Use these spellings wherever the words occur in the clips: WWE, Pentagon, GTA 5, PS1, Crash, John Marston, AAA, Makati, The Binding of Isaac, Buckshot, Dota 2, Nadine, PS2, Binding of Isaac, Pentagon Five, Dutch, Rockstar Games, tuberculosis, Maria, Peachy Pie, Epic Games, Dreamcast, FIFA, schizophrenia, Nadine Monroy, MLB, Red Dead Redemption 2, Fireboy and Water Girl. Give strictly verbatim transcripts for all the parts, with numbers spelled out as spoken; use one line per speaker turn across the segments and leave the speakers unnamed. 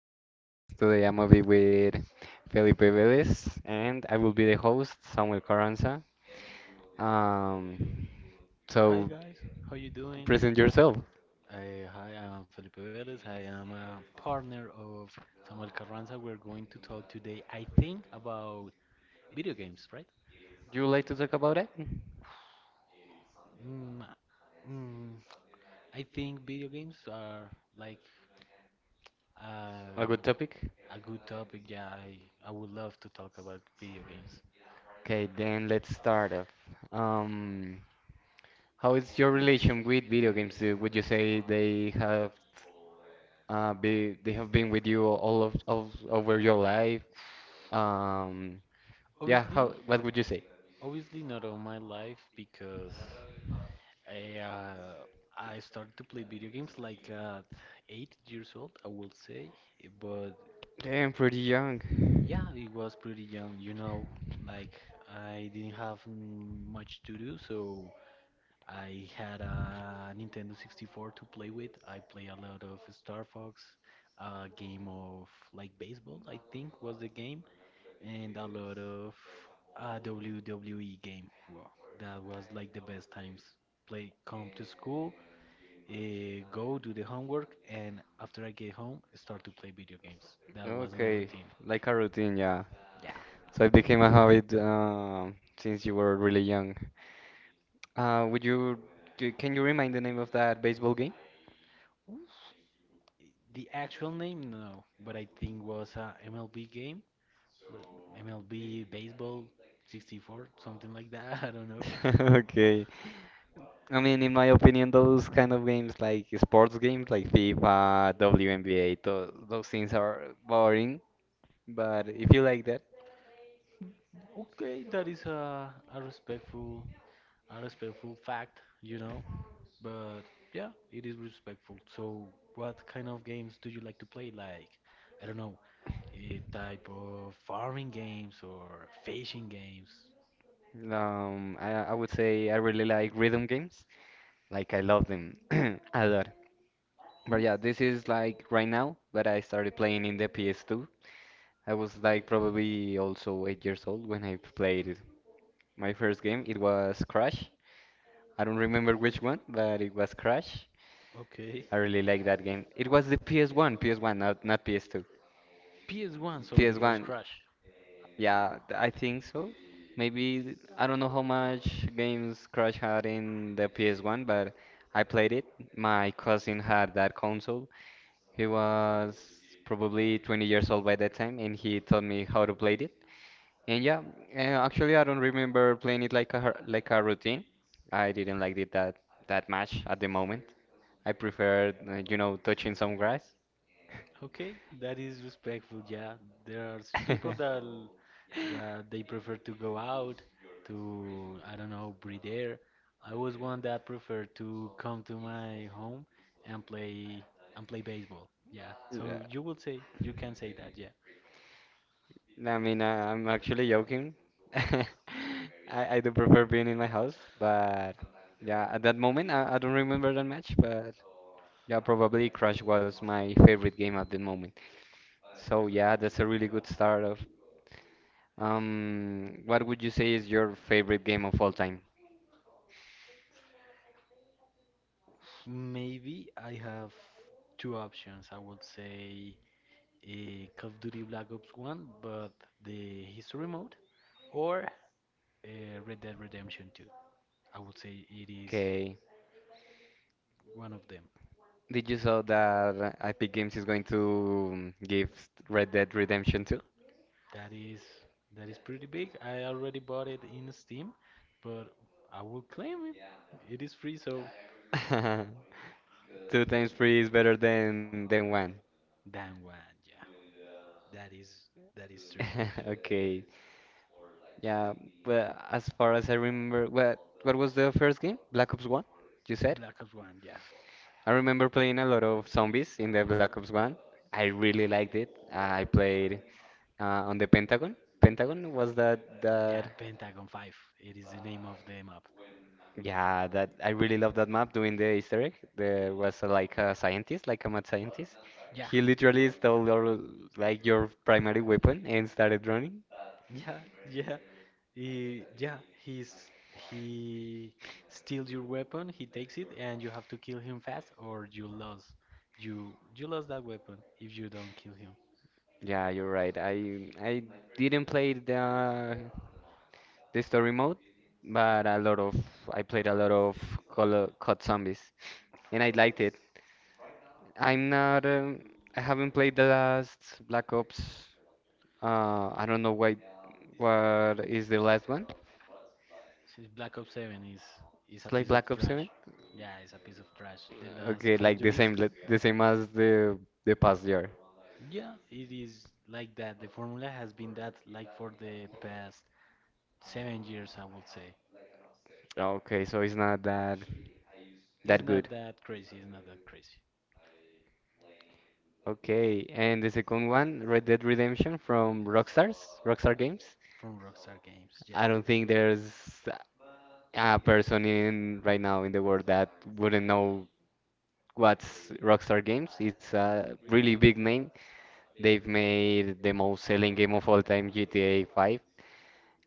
podcast. Today I'm gonna be with Felipe Velez, and I will be the host, Samuel Carranza. Um,
Hi
so
guys, how you doing?
present yourself.
Uh, hi, I'm Felipe Velez. I am a partner of Samuel Carranza. We're going to talk today, I think, about video games, right?
You would like to talk about it?
Mm, mm, I think video games are like uh,
A good topic?
a good topic. Yeah, I, I would love to talk about video games.
Okay, then let's start off. Um, how is your relation with video games? Uh, Would you say they have uh, be they have been with you all of, of over your life? Um, yeah,
Obviously,
how what would you say?
obviously not all my life because I, uh, I started to play video games like at eight years old, I will say. But
I'm pretty young.
yeah, it was pretty young. You know, like I didn't have mm, much to do, so I had a Nintendo sixty-four to play with. I play a lot of Star Fox, a game of like baseball, I think was the game, and a lot of uh, W W E game. Wow, that was like the best times. Play, come to school, uh, go do the homework, and after I get home, start to play video games. That was my
Okay,
routine.
like a routine, yeah.
Yeah.
So it became a habit um, since you were really young. Uh, would you, c- can you remind the name of that baseball game?
Oof. The actual name, no, but I think was a M L B game, but M L B baseball sixty-four, something like that. I don't know.
Okay. I mean, in my opinion, those kind of games, like sports games, like FIFA, W N B A, tho- those things are boring. But if you like that,
Okay, that is a, a respectful, a respectful fact, you know. But yeah, it is respectful. So, what kind of games do you like to play? Like, I don't know, a type of farming games or fishing games.
um, I, I would say I really like rhythm games. Like I love them a lot. But yeah, this is like right now, but I started playing in the P S two. I was like probably also eight years old when I played it. My first game, it was Crash. I don't remember which one, but it was Crash.
Okay.
I really like that game. It was the P S one, P S one, not not P S two.
P S one, so the first
P S one,
Crash.
yeah, th- I think so. Maybe th- I don't know how much games Crash had in the P S one, but I played it. My cousin had that console. He was probably twenty years old by that time, and he taught me how to play it. And yeah, uh, actually, I don't remember playing it like a har- like a routine. I didn't like it that that much at the moment. I preferred, uh, you know, touching some grass.
Okay, that is respectful. Yeah, there are s- people that l- that they prefer to go out to, I don't know, breathe air. I was one that preferred to come to my home and play and play baseball. Yeah, so
Yeah,
you will say you can say that. Yeah,
I mean, uh, I'm actually joking. I, I do prefer being in my house, but yeah, at that moment, I, I don't remember that much, but yeah, probably Crash was my favorite game at the moment. So yeah, that's a really good start of. Um, what would you say is your favorite game of all time?
maybe I have two options. I would say uh, Call of Duty Black Ops one, but the history mode, or uh, Red Dead Redemption two. I would say it is
Okay,
one of them.
did you saw that Epic Games is going to um, give Red Dead Redemption two?
That is that is pretty big. I already bought it in Steam, but I will claim it. It is free, so
Two times free is better than than one.
Dan one, yeah. That is that is true.
Okay. Yeah, well, as far as I remember, what what was the first game? Black Ops one, you said?
Black Ops One, yeah.
I remember playing a lot of zombies in the Black Ops one. I really liked it. I played uh, on the Pentagon. Pentagon was that
Yeah,
that
Pentagon Five. It is the name of the map.
yeah, that I really love that map doing the Easter egg. There was uh, like a scientist, like a mad scientist.
Yeah.
He literally stole your like your primary weapon and started running.
Yeah, yeah. He, yeah, he's he steals your weapon, he takes it, and you have to kill him fast, or you lose. You you lose that weapon if you don't kill him.
Yeah, you're right. I I didn't play the the story mode, but a lot of I played a lot of Call of- C O D Zombies, and I liked it. I'm not um, I haven't played the last Black Ops. Uh, I don't know why. What is the last one?
Since Black Ops seven is is
It's
a
like
piece of
Black Ops
trash.
seven.
Yeah, it's a piece of trash. The
Okay,
last Call
like
of
the
Duties.
same le- the same as the the past year.
Yeah, it is like that. The formula has been that like for the past seven years, I would say.
Okay, so it's not that that
It's
good.
not that crazy. It's not that crazy.
Okay, and the second one, Red Dead Redemption from Rockstars, Rockstar Games.
From Rockstar Games,
I
yeah.
don't think there's a person in right now in the world that wouldn't know what's Rockstar Games. It's a really big name. They've made the most selling game of all time, G T A five.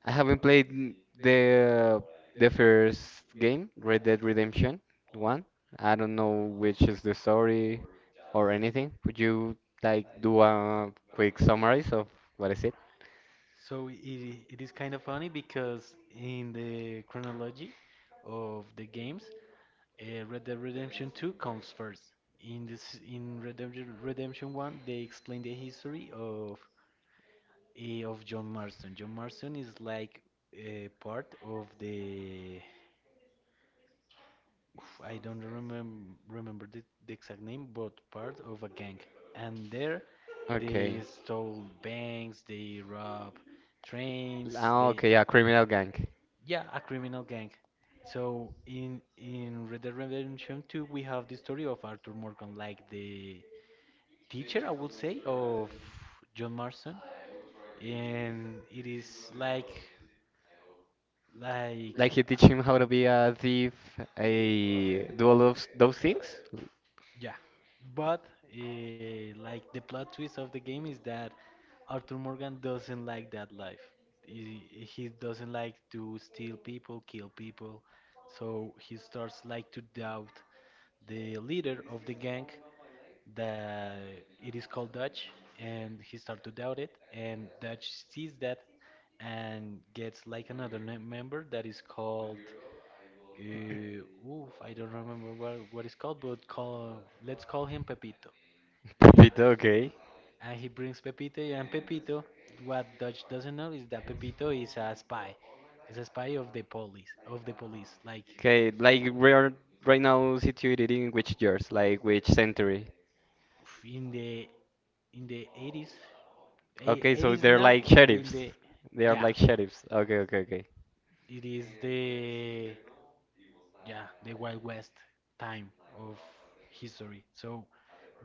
I haven't played n- the the first game, Red Dead Redemption one. I don't know which is the story or anything. Could you like do a quick summary of what is it?
So it, it is kind of funny because in the chronology of the games, uh, Red Dead Redemption two comes first. In this, in Redemption Redemption one, they explain the history of eh, of John Marston. John Marston is like a part of the, I don't remem remember the, the exact name, but part of a gang. And there
Okay.
they stole banks, they rob trains,
Ah,
they
okay, yeah, criminal gang.
yeah, a criminal gang. So in in Red Dead Redemption two we have the story of Arthur Morgan, like the teacher I would say of John Marston, and it is like like
Like you teach him how to be a thief, a do all of those things?
Yeah, but uh, like the plot twist of the game is that Arthur Morgan doesn't like that life. He, he doesn't like to steal people, kill people. So he starts like to doubt the leader of the gang that it is called Dutch, and he starts to doubt it. And Dutch sees that and gets like another ne- member that is called uh, oof, I don't remember what what it's called, but call let's call him Pepito.
Pepito, okay.
And he brings Pepito, and Pepito, what Dutch doesn't know is that Pepito is a spy. He's a spy of the police, of the police. Like
Okay, like we are right now situated in which years, like which century?
oof, in the in the eighties. Eh,
Okay, so
eighties
they're
not,
like
but in
sheriffs.
the
They are
yeah,
like sheriffs. Okay, okay, okay.
it is the yeah, the Wild West time of history. So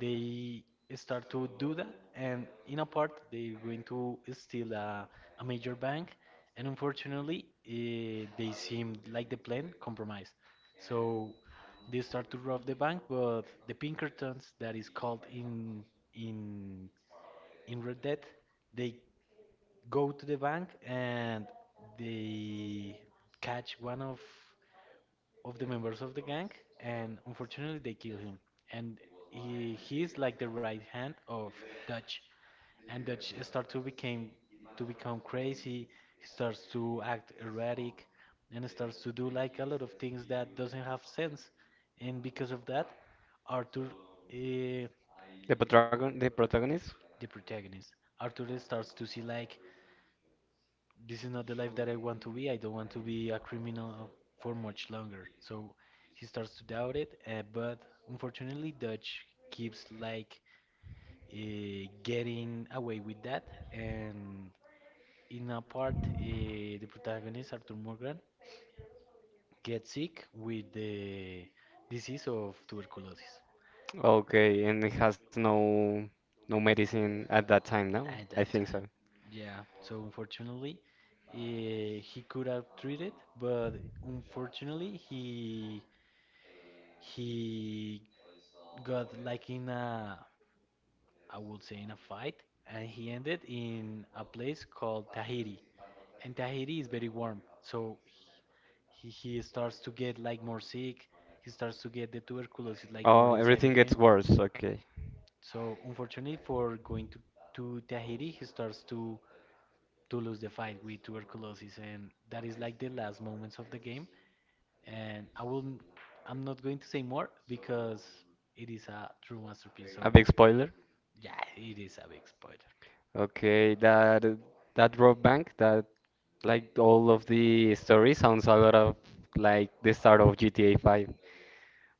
they start to do that, and in a part, they're going to steal a, a major bank, and unfortunately, eh, they seem like the plan compromised. So they start to rob the bank, but the Pinkertons, that is called in in in Red Dead, they go to the bank and they catch one of of the members of the gang, and unfortunately they kill him. And he he's like the right hand of Dutch, and Dutch start to became to become crazy. He starts to act erratic, and starts to do like a lot of things that doesn't have sense. And because of that, Arthur, uh,
The protagon the protagonist?
the protagonist, Arthur, starts to see like this is not the life that I want to be. I don't want to be a criminal for much longer. So he starts to doubt it, uh, but unfortunately, Dutch keeps like uh, getting away with that. And in a part, uh, the protagonist Arthur Morgan gets sick with the disease of tuberculosis.
Okay, and it has no no medicine at that time, no?
At
I
that
think so.
time. Yeah, so unfortunately, eh, he could have treated, but unfortunately, he he got like in a, I would say in a fight, and he ended in a place called Tahiti. And Tahiti is very warm, so he, he starts to get like more sick. He starts to get the tuberculosis like more
Oh,
inside
everything
of
gets
him.
worse. Okay.
So unfortunately for going to, to Tahiti, he starts to to lose the fight with tuberculosis, and that is like the last moments of the game. And I will, I I'm not going to say more because it is a true masterpiece. So
A big spoiler.
yeah, it is a big spoiler.
Okay, that that rob bank, that like all of the story sounds a lot of like the start of G T A five,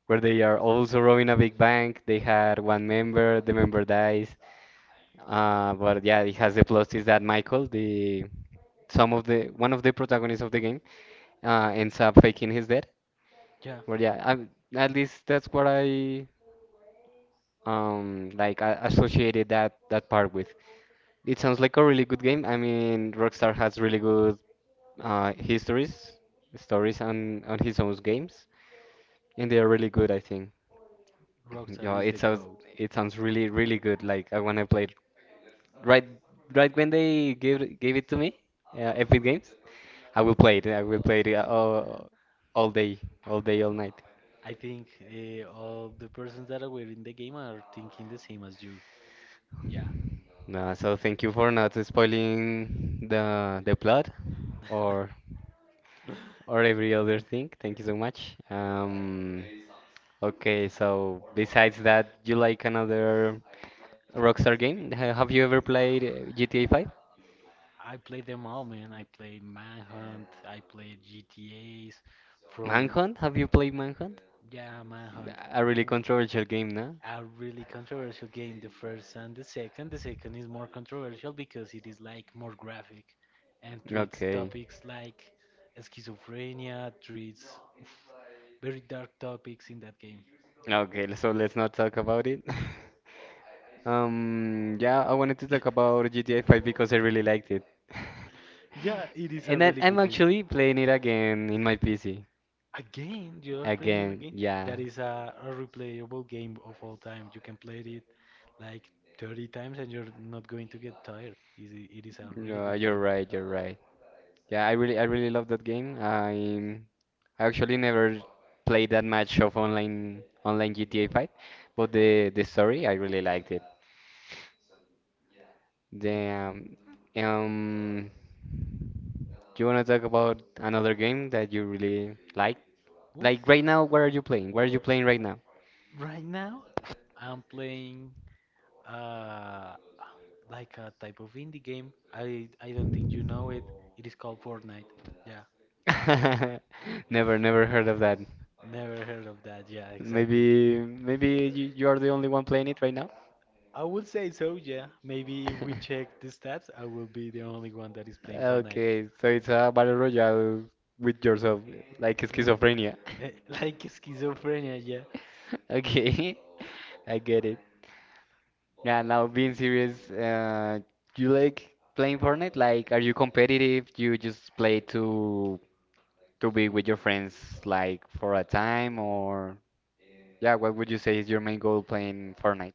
where they are also robbing a big bank. They had one member, the member dies, uh, but yeah, it has the plot twist that Michael, the some of the one of the protagonists of the game, uh, ends up faking his death.
Yeah,
But yeah, I, at least that's what I um like I associated that that part with. It sounds like a really good game. I mean, Rockstar has really good uh, histories, stories on on his own games, and they are really good, I think.
Rockstar
Yeah,
is
it
the
sounds
goat.
it sounds really really good. Like I wanna play it right right when they gave gave it to me, uh, Epic Games. I will play it. I will play it uh, all, all day, all day, all night.
I think uh, all the persons that are in the game are thinking the same as you. Yeah.
No, so thank you for not spoiling the the plot or or every other thing. Thank you so much. Um, okay, so besides that, you like another Rockstar game? Ha- Have you ever played uh, G T A five?
I played them all, man. I played Manhunt, I played G T As from.
Manhunt? Have you played Manhunt?
Yeah, Manhunt.
A really
w-
controversial game, no?
A really controversial game, the first and the second. The second is more controversial because it is like more graphic and treats
Okay.
topics like schizophrenia, treats oof, very dark topics in that game.
Okay, so let's not talk about it. Um, yeah, I wanted to talk about G T A five because I really liked it.
Yeah, it is
And
a
then
really
I'm
good game.
actually playing it again in my P C.
Again, you are playing it
Again,
again.
yeah.
That is a, a replayable game of all time. You can play it like thirty times and you're not going to get tired. Is It it is a really
No,
good
you're
game.
right, you're right. Yeah, I really I really love that game. I I actually never played that much of online online G T A five, but the the story I really liked it. Damn. Um, do you want to talk about another game that you really like? Like
Oof.
right now, what are you playing? What are you playing right now?
Right now, I'm playing uh, like a type of indie game. I I don't think you know it. It is called Fortnite. Yeah,
Never, never heard of that.
never heard of that. Yeah, exactly.
Maybe, maybe you, you are the only one playing it right now.
I would say so, yeah. Maybe if we check the stats, I will be the only one that is playing Fortnite.
Okay, so it's a battle royale with yourself, like
Mm.
schizophrenia.
Eh, Like schizophrenia, yeah.
Okay, I get it. Yeah, now being serious, uh, you like playing Fortnite? Like, are you competitive? You just play to to be with your friends, like for a time, or yeah, what would you say is your main goal playing Fortnite?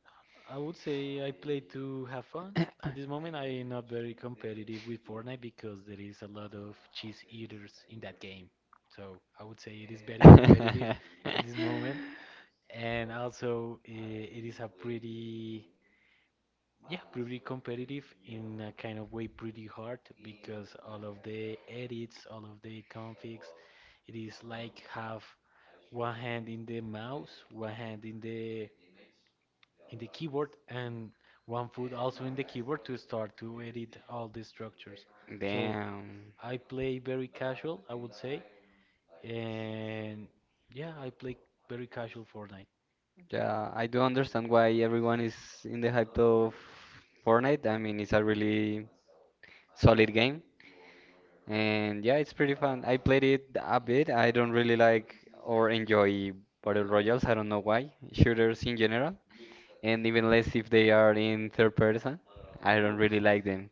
I would say I play to have fun. At this moment, I am not very competitive with Fortnite because there is a lot of cheese eaters in that game. So I would say it is very competitive in this moment. And also, eh, it is a pretty Yeah, pretty competitive in a kind of way, pretty hard because all of the edits, all of the configs, it is like have one hand in the mouse, one hand in the in the keyboard, and one foot also in the keyboard to start to edit all the structures. So
Damn.
I play very casual, I would say, and yeah, I play very casual Fortnite.
Yeah, I do understand why everyone is in the hype of Fortnite. I mean, it's a really solid game. And yeah, it's pretty fun. I played it a bit. I don't really like or enjoy Battle Royales. I don't know why. Shooters in general. And even less if they are in third person. I don't really like them.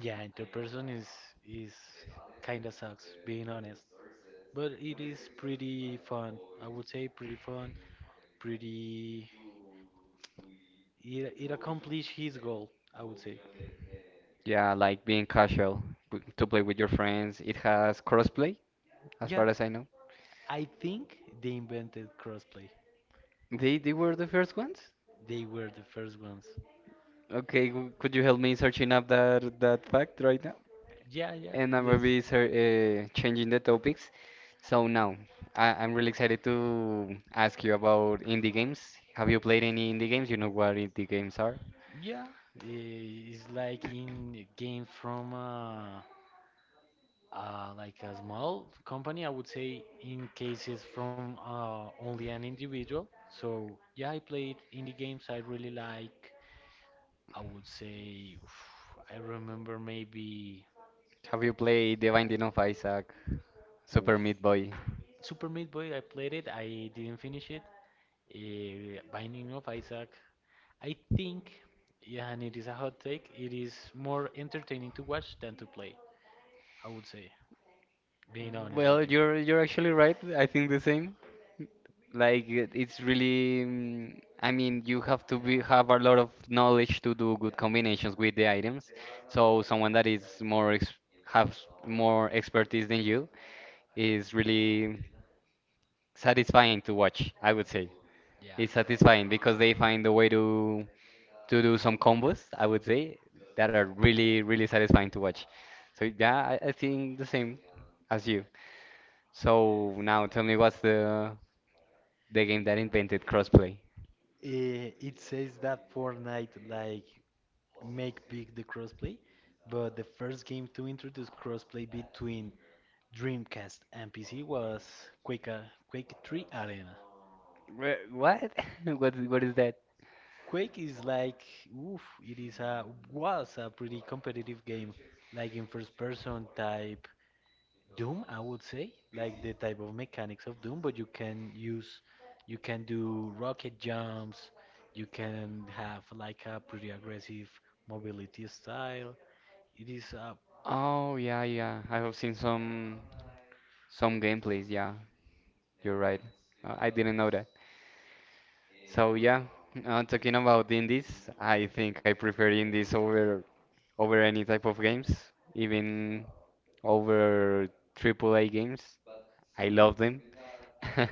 Yeah, interperson is is kind of sucks, being honest. But it is pretty fun. I would say pretty fun, pretty. It, it accomplished his goal, I would say.
Yeah, I like being casual w- to play with your friends. It has crossplay, as
Yeah,
far as I know.
I think they invented crossplay.
They they were the first ones?
They were the first ones.
Okay, w- could you help me searching up that that fact right now?
Yeah, yeah.
And I'm gonna
Let's.
be ser uh, changing the topics. So now, I I'm really excited to ask you about indie games. Have you played any indie games? You know what indie games are?
Yeah, eh, it's like in a game from uh, uh, like a small company, I would say, in cases from uh, only an individual. So yeah, I played indie games I really like. I would say, I remember maybe
Have you played The Binding of Isaac,
remember
Super
f-
Meat Boy?
Super Meat Boy. I played it. I didn't finish it. Uh, Binding of Isaac. I think, yeah, and it is a hot take. It is more entertaining to watch than to play. I would say, being honest
Well,
with you.
you're you're actually right. I think the same. Like it- it's really, mm, I mean, you have to be have a lot of knowledge to do good combinations with the items. So someone that is more ex has more expertise than you is really satisfying to watch, I would say.
Yeah.
It's satisfying because they find a way to to do some combos, I would say, that are really, really satisfying to watch. So yeah, I, I think the same as you. So now tell me what's the the game that invented crossplay?
Eh, It says that Fortnite like make big the crossplay, but the first game to introduce crossplay between Dreamcast and P C was Quake, uh, Quake three Arena.
Wha- What? What? What is that?
Quake is like, oof, it is a was a pretty competitive game, like in first person type Doom, I would say, like the type of mechanics of Doom, but you can use, you can do rocket jumps, you can have like a pretty aggressive mobility style. It is a
Oh yeah, yeah. I have seen some some gameplays. Yeah, you're right. Uh, I didn't know that. So yeah, uh, talking about indies, I think I prefer indies over over any type of games, even over triple A games. I love them.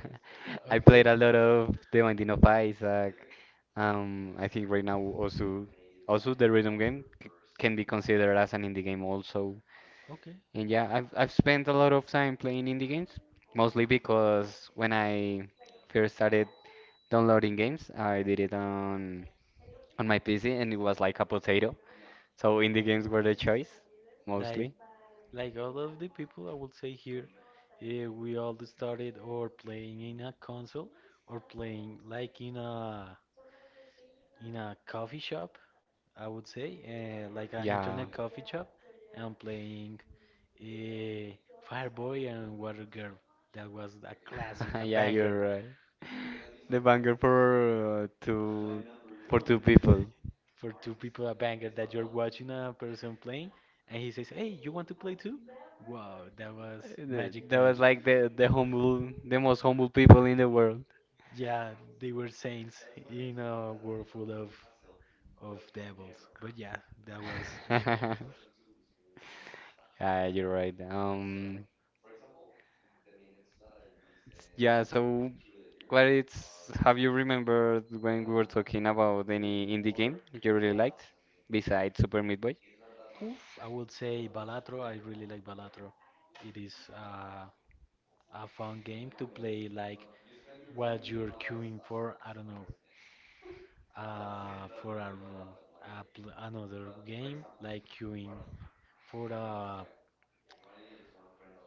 I
Okay,
played
okay.
a lot of The Binding of Isaac. Um, I think right now also also the rhythm game c- can be considered as an indie game also. And yeah, I've I've spent a lot of time playing indie games, mostly because when I first started downloading games, I did it on on my P C and it was like a potato. So indie games were the choice,
Like
mostly.
like all of the people, I would say here, eh, we all started or playing in a console or playing like in a in a coffee shop I would say, uh, like an
Yeah.
internet coffee shop, and playing uh, Fireboy and Water Girl. That was a classic, a
Yeah,
banger
you're right. The banger for uh, two for two people.
for two people, a banger that you're watching a person playing, and he says, "Hey, you want to play too?" Wow, that was
Uh, th-
magic
That was
times.
like the the humble the most humble people in the world.
Yeah, they were saints in a world full of of devils. But yeah, that was.
Yeah, you're right. Um, yeah, so What it's have you remembered when we were talking about any indie game you really liked besides Super Meat Boy?
Oof, I would say Balatro. I really like Balatro. It is uh, a fun game to play, like while you're queuing for, I don't know, uh, for a, a pl- another game, like queuing for a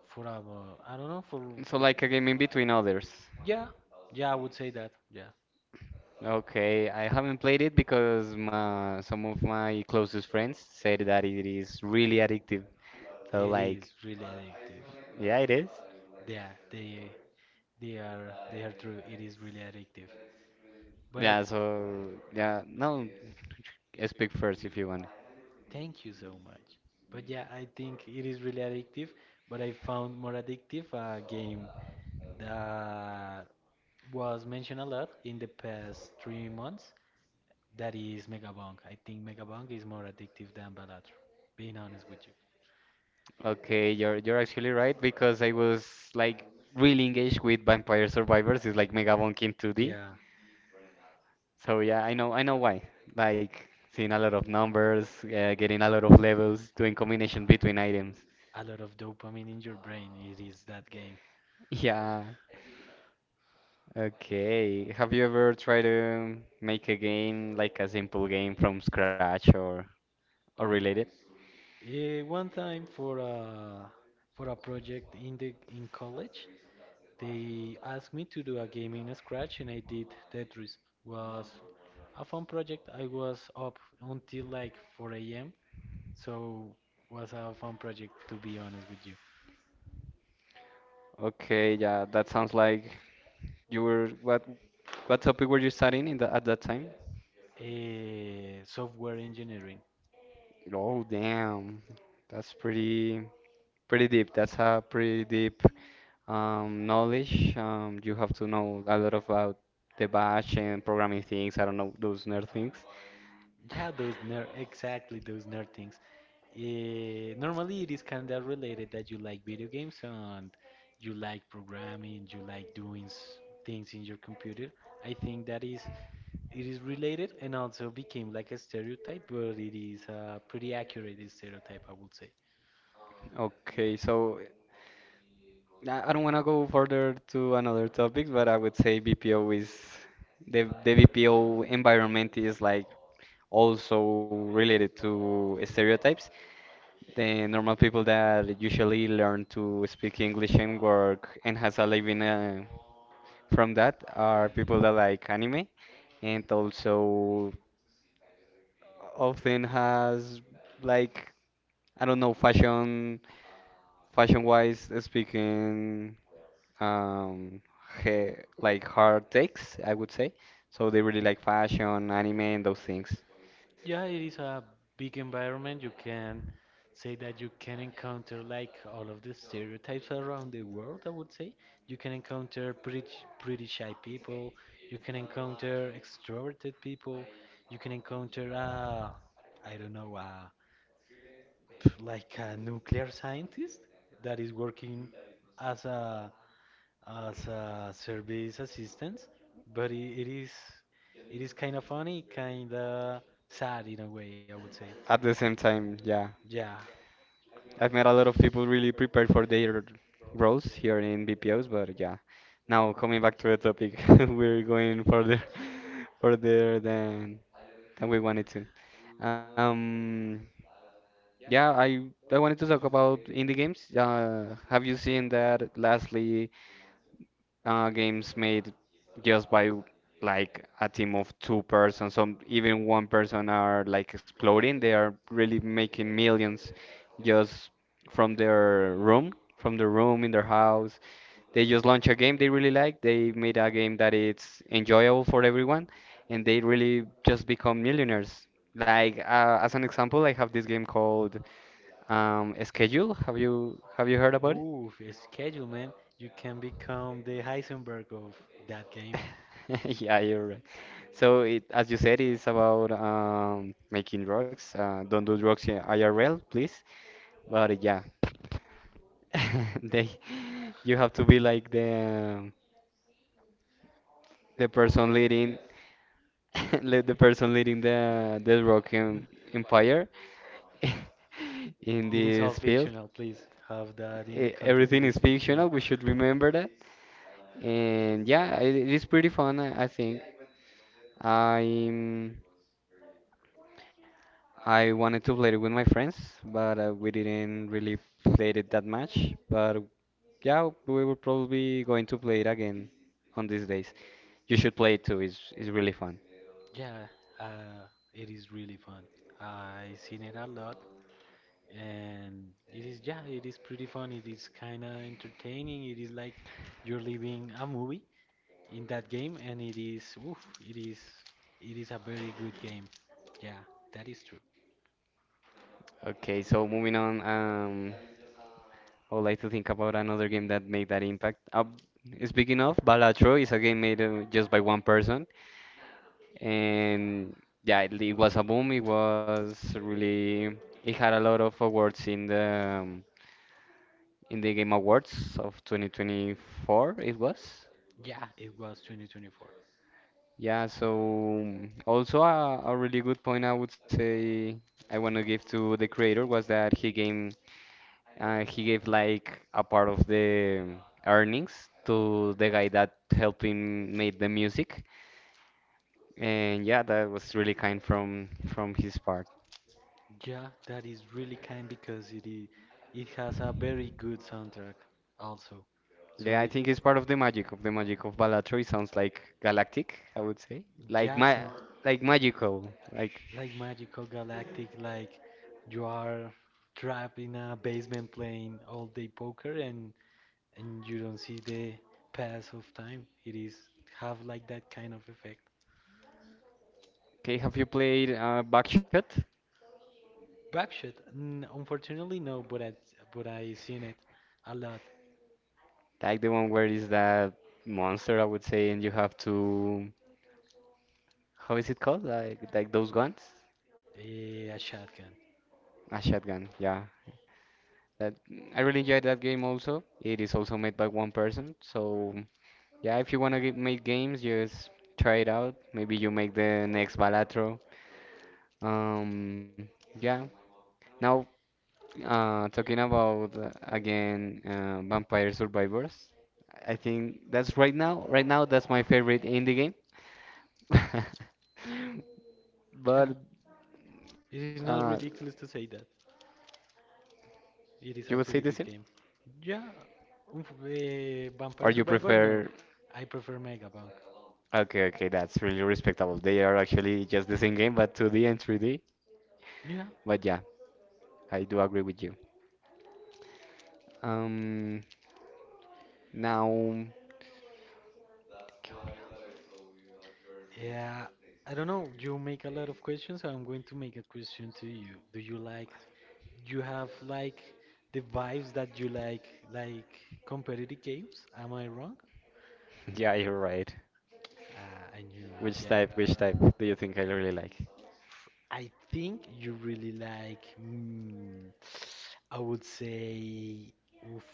for a uh, I don't know for
So like a game in between others.
yeah yeah I would say that. Yeah,
Okay, I haven't played it because my, some of my closest friends said that it is really addictive. So
it
like,
is really addictive.
yeah, it is.
Yeah, they they are they are true. It is really addictive. But I
Yeah, so yeah, no, speak first if you want.
Thank you so much. But yeah, I think it is really addictive, but I found more addictive a game that was mentioned a lot in the past three months. That is Megabong. I think Megabong is more addictive than Balatro, being honest with you.
Okay, you're you're actually right because I was like really engaged with Vampire Survivors. It's like Mega Monkey in two D.
Yeah,
So yeah, I know I know why. Like seeing a lot of numbers, uh, getting a lot of levels, doing combination between items.
a lot of dopamine in your brain. It is that game.
Yeah. Okay. Have you ever tried to make a game like a simple game from scratch or or related?
Eh, one time for a for a project in the in college, they asked me to do a game in Scratch and I did Tetris. Was a fun project. I was up until like four a m. So was a fun project to be honest with you.
Okay, yeah, that sounds like you were what what topic were you studying in the, at that time?
Uh, software engineering.
Oh, damn. That's pretty pretty deep. That's a pretty deep um, knowledge. Um, you have to know a lot about the bash and programming things. I don't know those nerd things.
Yeah, those nerd, exactly those nerd things. Eh, normally, it is kind of related that you like video games and you like programming, you like doing s- things in your computer. I think that is It is related and also became like a stereotype, but it is a pretty accurate stereotype, I would say.
Okay, so I I don't want to go further to another topic, but I would say B P O is the the B P O environment is like also related to stereotypes. The normal people that usually learn to speak English and work and has a living uh, from that are people that like anime and also often has like I don't know fashion fashion wise speaking um he, like hard takes I would say, so they really like fashion, anime and those things
Yeah, it is a big environment. You can say that you can encounter like all of the stereotypes around the world, I would say. You can encounter pretty, sh- pretty shy people. You can encounter extroverted people. You can encounter, uh, I don't know, uh, like a nuclear scientist that is working as a as a service assistant, but it, it is it is kind of funny, kind of sad in a way, I would say.
at the same time. Yeah,
Yeah.
I've met a lot of people really prepared for their roles here in B P Os, but yeah, now coming back to the topic, we're going further further than than we wanted to. um Yeah, I I wanted to talk about indie games. Uh, have you seen that lastly uh, games made just by like a team of two persons, some even one person, are like exploding. They are really making millions just from their room, from their room in their house. They just launch a game they really like. They made a game that it's enjoyable for everyone, and they really just become millionaires. Like uh, as an example, I have this game called. Um, schedule, have you have you heard about it?
Ooh, a schedule, man. You can become the Heisenberg of that game.
Yeah, you're right. So it, as you said, it's about um, making drugs. Uh, don't do drugs in I R L, please. But uh, yeah, they you have to be like the the person leading le- the person leading the the drug em- empire in
It is all
this field.
fictional, please. Have that in the
E-
context, it
Everything
is
is
fictional.
fictional. We should remember that. And yeah, it, it is pretty fun, I I think. I'm I wanted to play it with my friends, but uh, we didn't really play it that much. But yeah, we will probably going to play it again on these days. You should play it too. It's it's really fun.
Yeah, uh, it is really fun. I seen it a lot. And it is, yeah, it is pretty fun, it is kind of entertaining, it is like you're living a movie in that game, and it is, oof, it is it is a very good game. Yeah, that is true.
Okay, so moving on, um, I would like to think about another game that made that impact. Uh, speaking of, Balatro is a game made uh, just by one person, and yeah, it, it was a boom. It was really, it had a lot of awards in the um, in the Game Awards of twenty twenty-four it was.
Yeah, it was twenty twenty-four.
Yeah, so also a, a really good point I would say I want to give to the creator was that he gave uh, he gave like a part of the earnings to the guy that helped him make the music. And yeah, that was really kind from from his part.
Yeah, that is really kind because it is, it has a very good soundtrack also. So
Yeah, I
it,
think it's part of the magic of the magic of Balatro. It sounds like galactic, I would say. Like
yeah,
ma
so
like magical, like,
like magical galactic, like you are trapped in a basement playing all day poker and and you don't see the pass of time. It is, have like that kind of effect.
okay, have you played uh, Buckshot?
Backshot, n- unfortunately no, but i but I seen it a lot.
Like the one where is that monster, I would say, and you have to, how is it called? Like like those guns?
Eh, a shotgun.
A shotgun, yeah. That I really enjoyed that game also. It is also made by one person, so yeah, if you wanna get, make games, just try it out. Maybe you make the next Balatro. Um, yeah. Now, uh, talking about uh, again uh, Vampire Survivors. I think that's right now. Right now, that's my favorite indie game.
Yeah,
But
it is
uh,
not ridiculous to say that it
you
is
would
a
say the
pretty
same,
good game. Yeah, uh,
or
vampire
you
survivors, no.
prefer?
I prefer Mega Bank.
Okay, okay, that's really respectable. They are actually just the same game, but two D and three D.
Yeah,
But yeah, I do agree with you. Um, now,
yeah. I don't know. You make a lot of questions, so I'm going to make a question to you. Do you like, you have like the vibes that you like, like competitive games? Am I wrong?
yeah, you're right.
Uh, I knew it,
Which
yeah.
type? Which type do you think I really like?
F- I think you really like, mm, I would say, oof,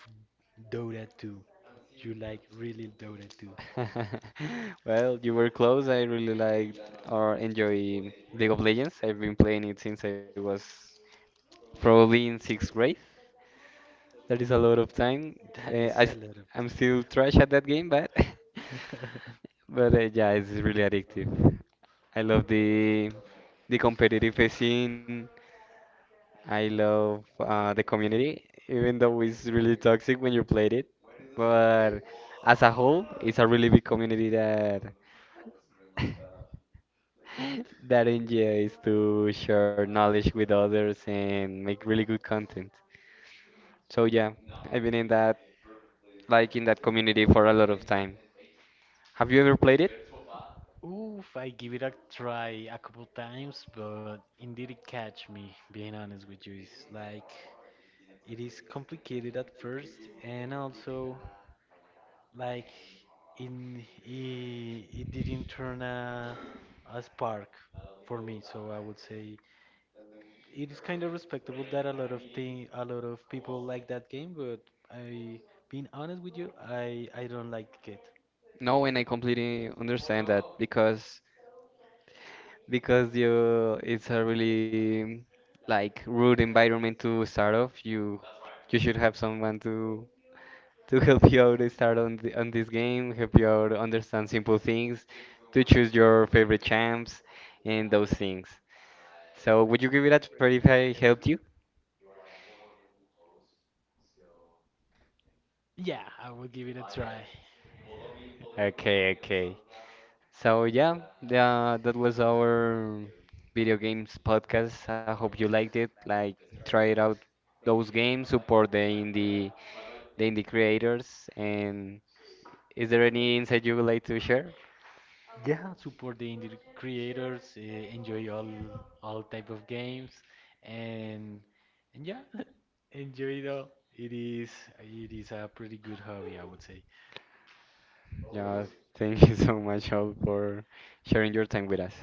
Dota two. You like really Dota two.
Well, you were close. I really liked or enjoy League of Legends. I've been playing it since I was probably in sixth grade. That is a lot of time.
That
Uh,
is
I
a
st
lot of
I'm still trash at that game, but
time.
but uh, yeah, it's really addictive. I love the the competitive scene. I love uh, the community, even though it's really toxic when you played it. But as a whole, it's a really big community that that enjoys to share knowledge with others and make really good content. So yeah, I've been in that like in that community for a lot of time. Have you ever played it?
Oof, I give it a try a couple times, but indeed it catch me, being honest with you. It's like it is complicated at first and also like in it, it didn't turn a, a spark for me, so I would say it is kind of respectable that a lot of thing a lot of people like that game, but I being honest with you, I I don't like it.
No, and I completely understand that because because you it's a really like rude environment to start off. You you should have someone to to help you out to start on the, on this game, help you out understand simple things, to choose your favorite champs and those things. So would you give it a try if I helped you?
Yeah, I will give it a try.
Okay, okay. So yeah, yeah, that was our video games podcast. I hope you liked it. Like try it out those games, support the indie the indie creators and is there any insight you would like to share?
Yeah, support the indie creators. Uh, enjoy all all type of games and and yeah enjoy it all. It is it is a pretty good hobby, I would say.
Yeah, thank you so much all for sharing your time with us.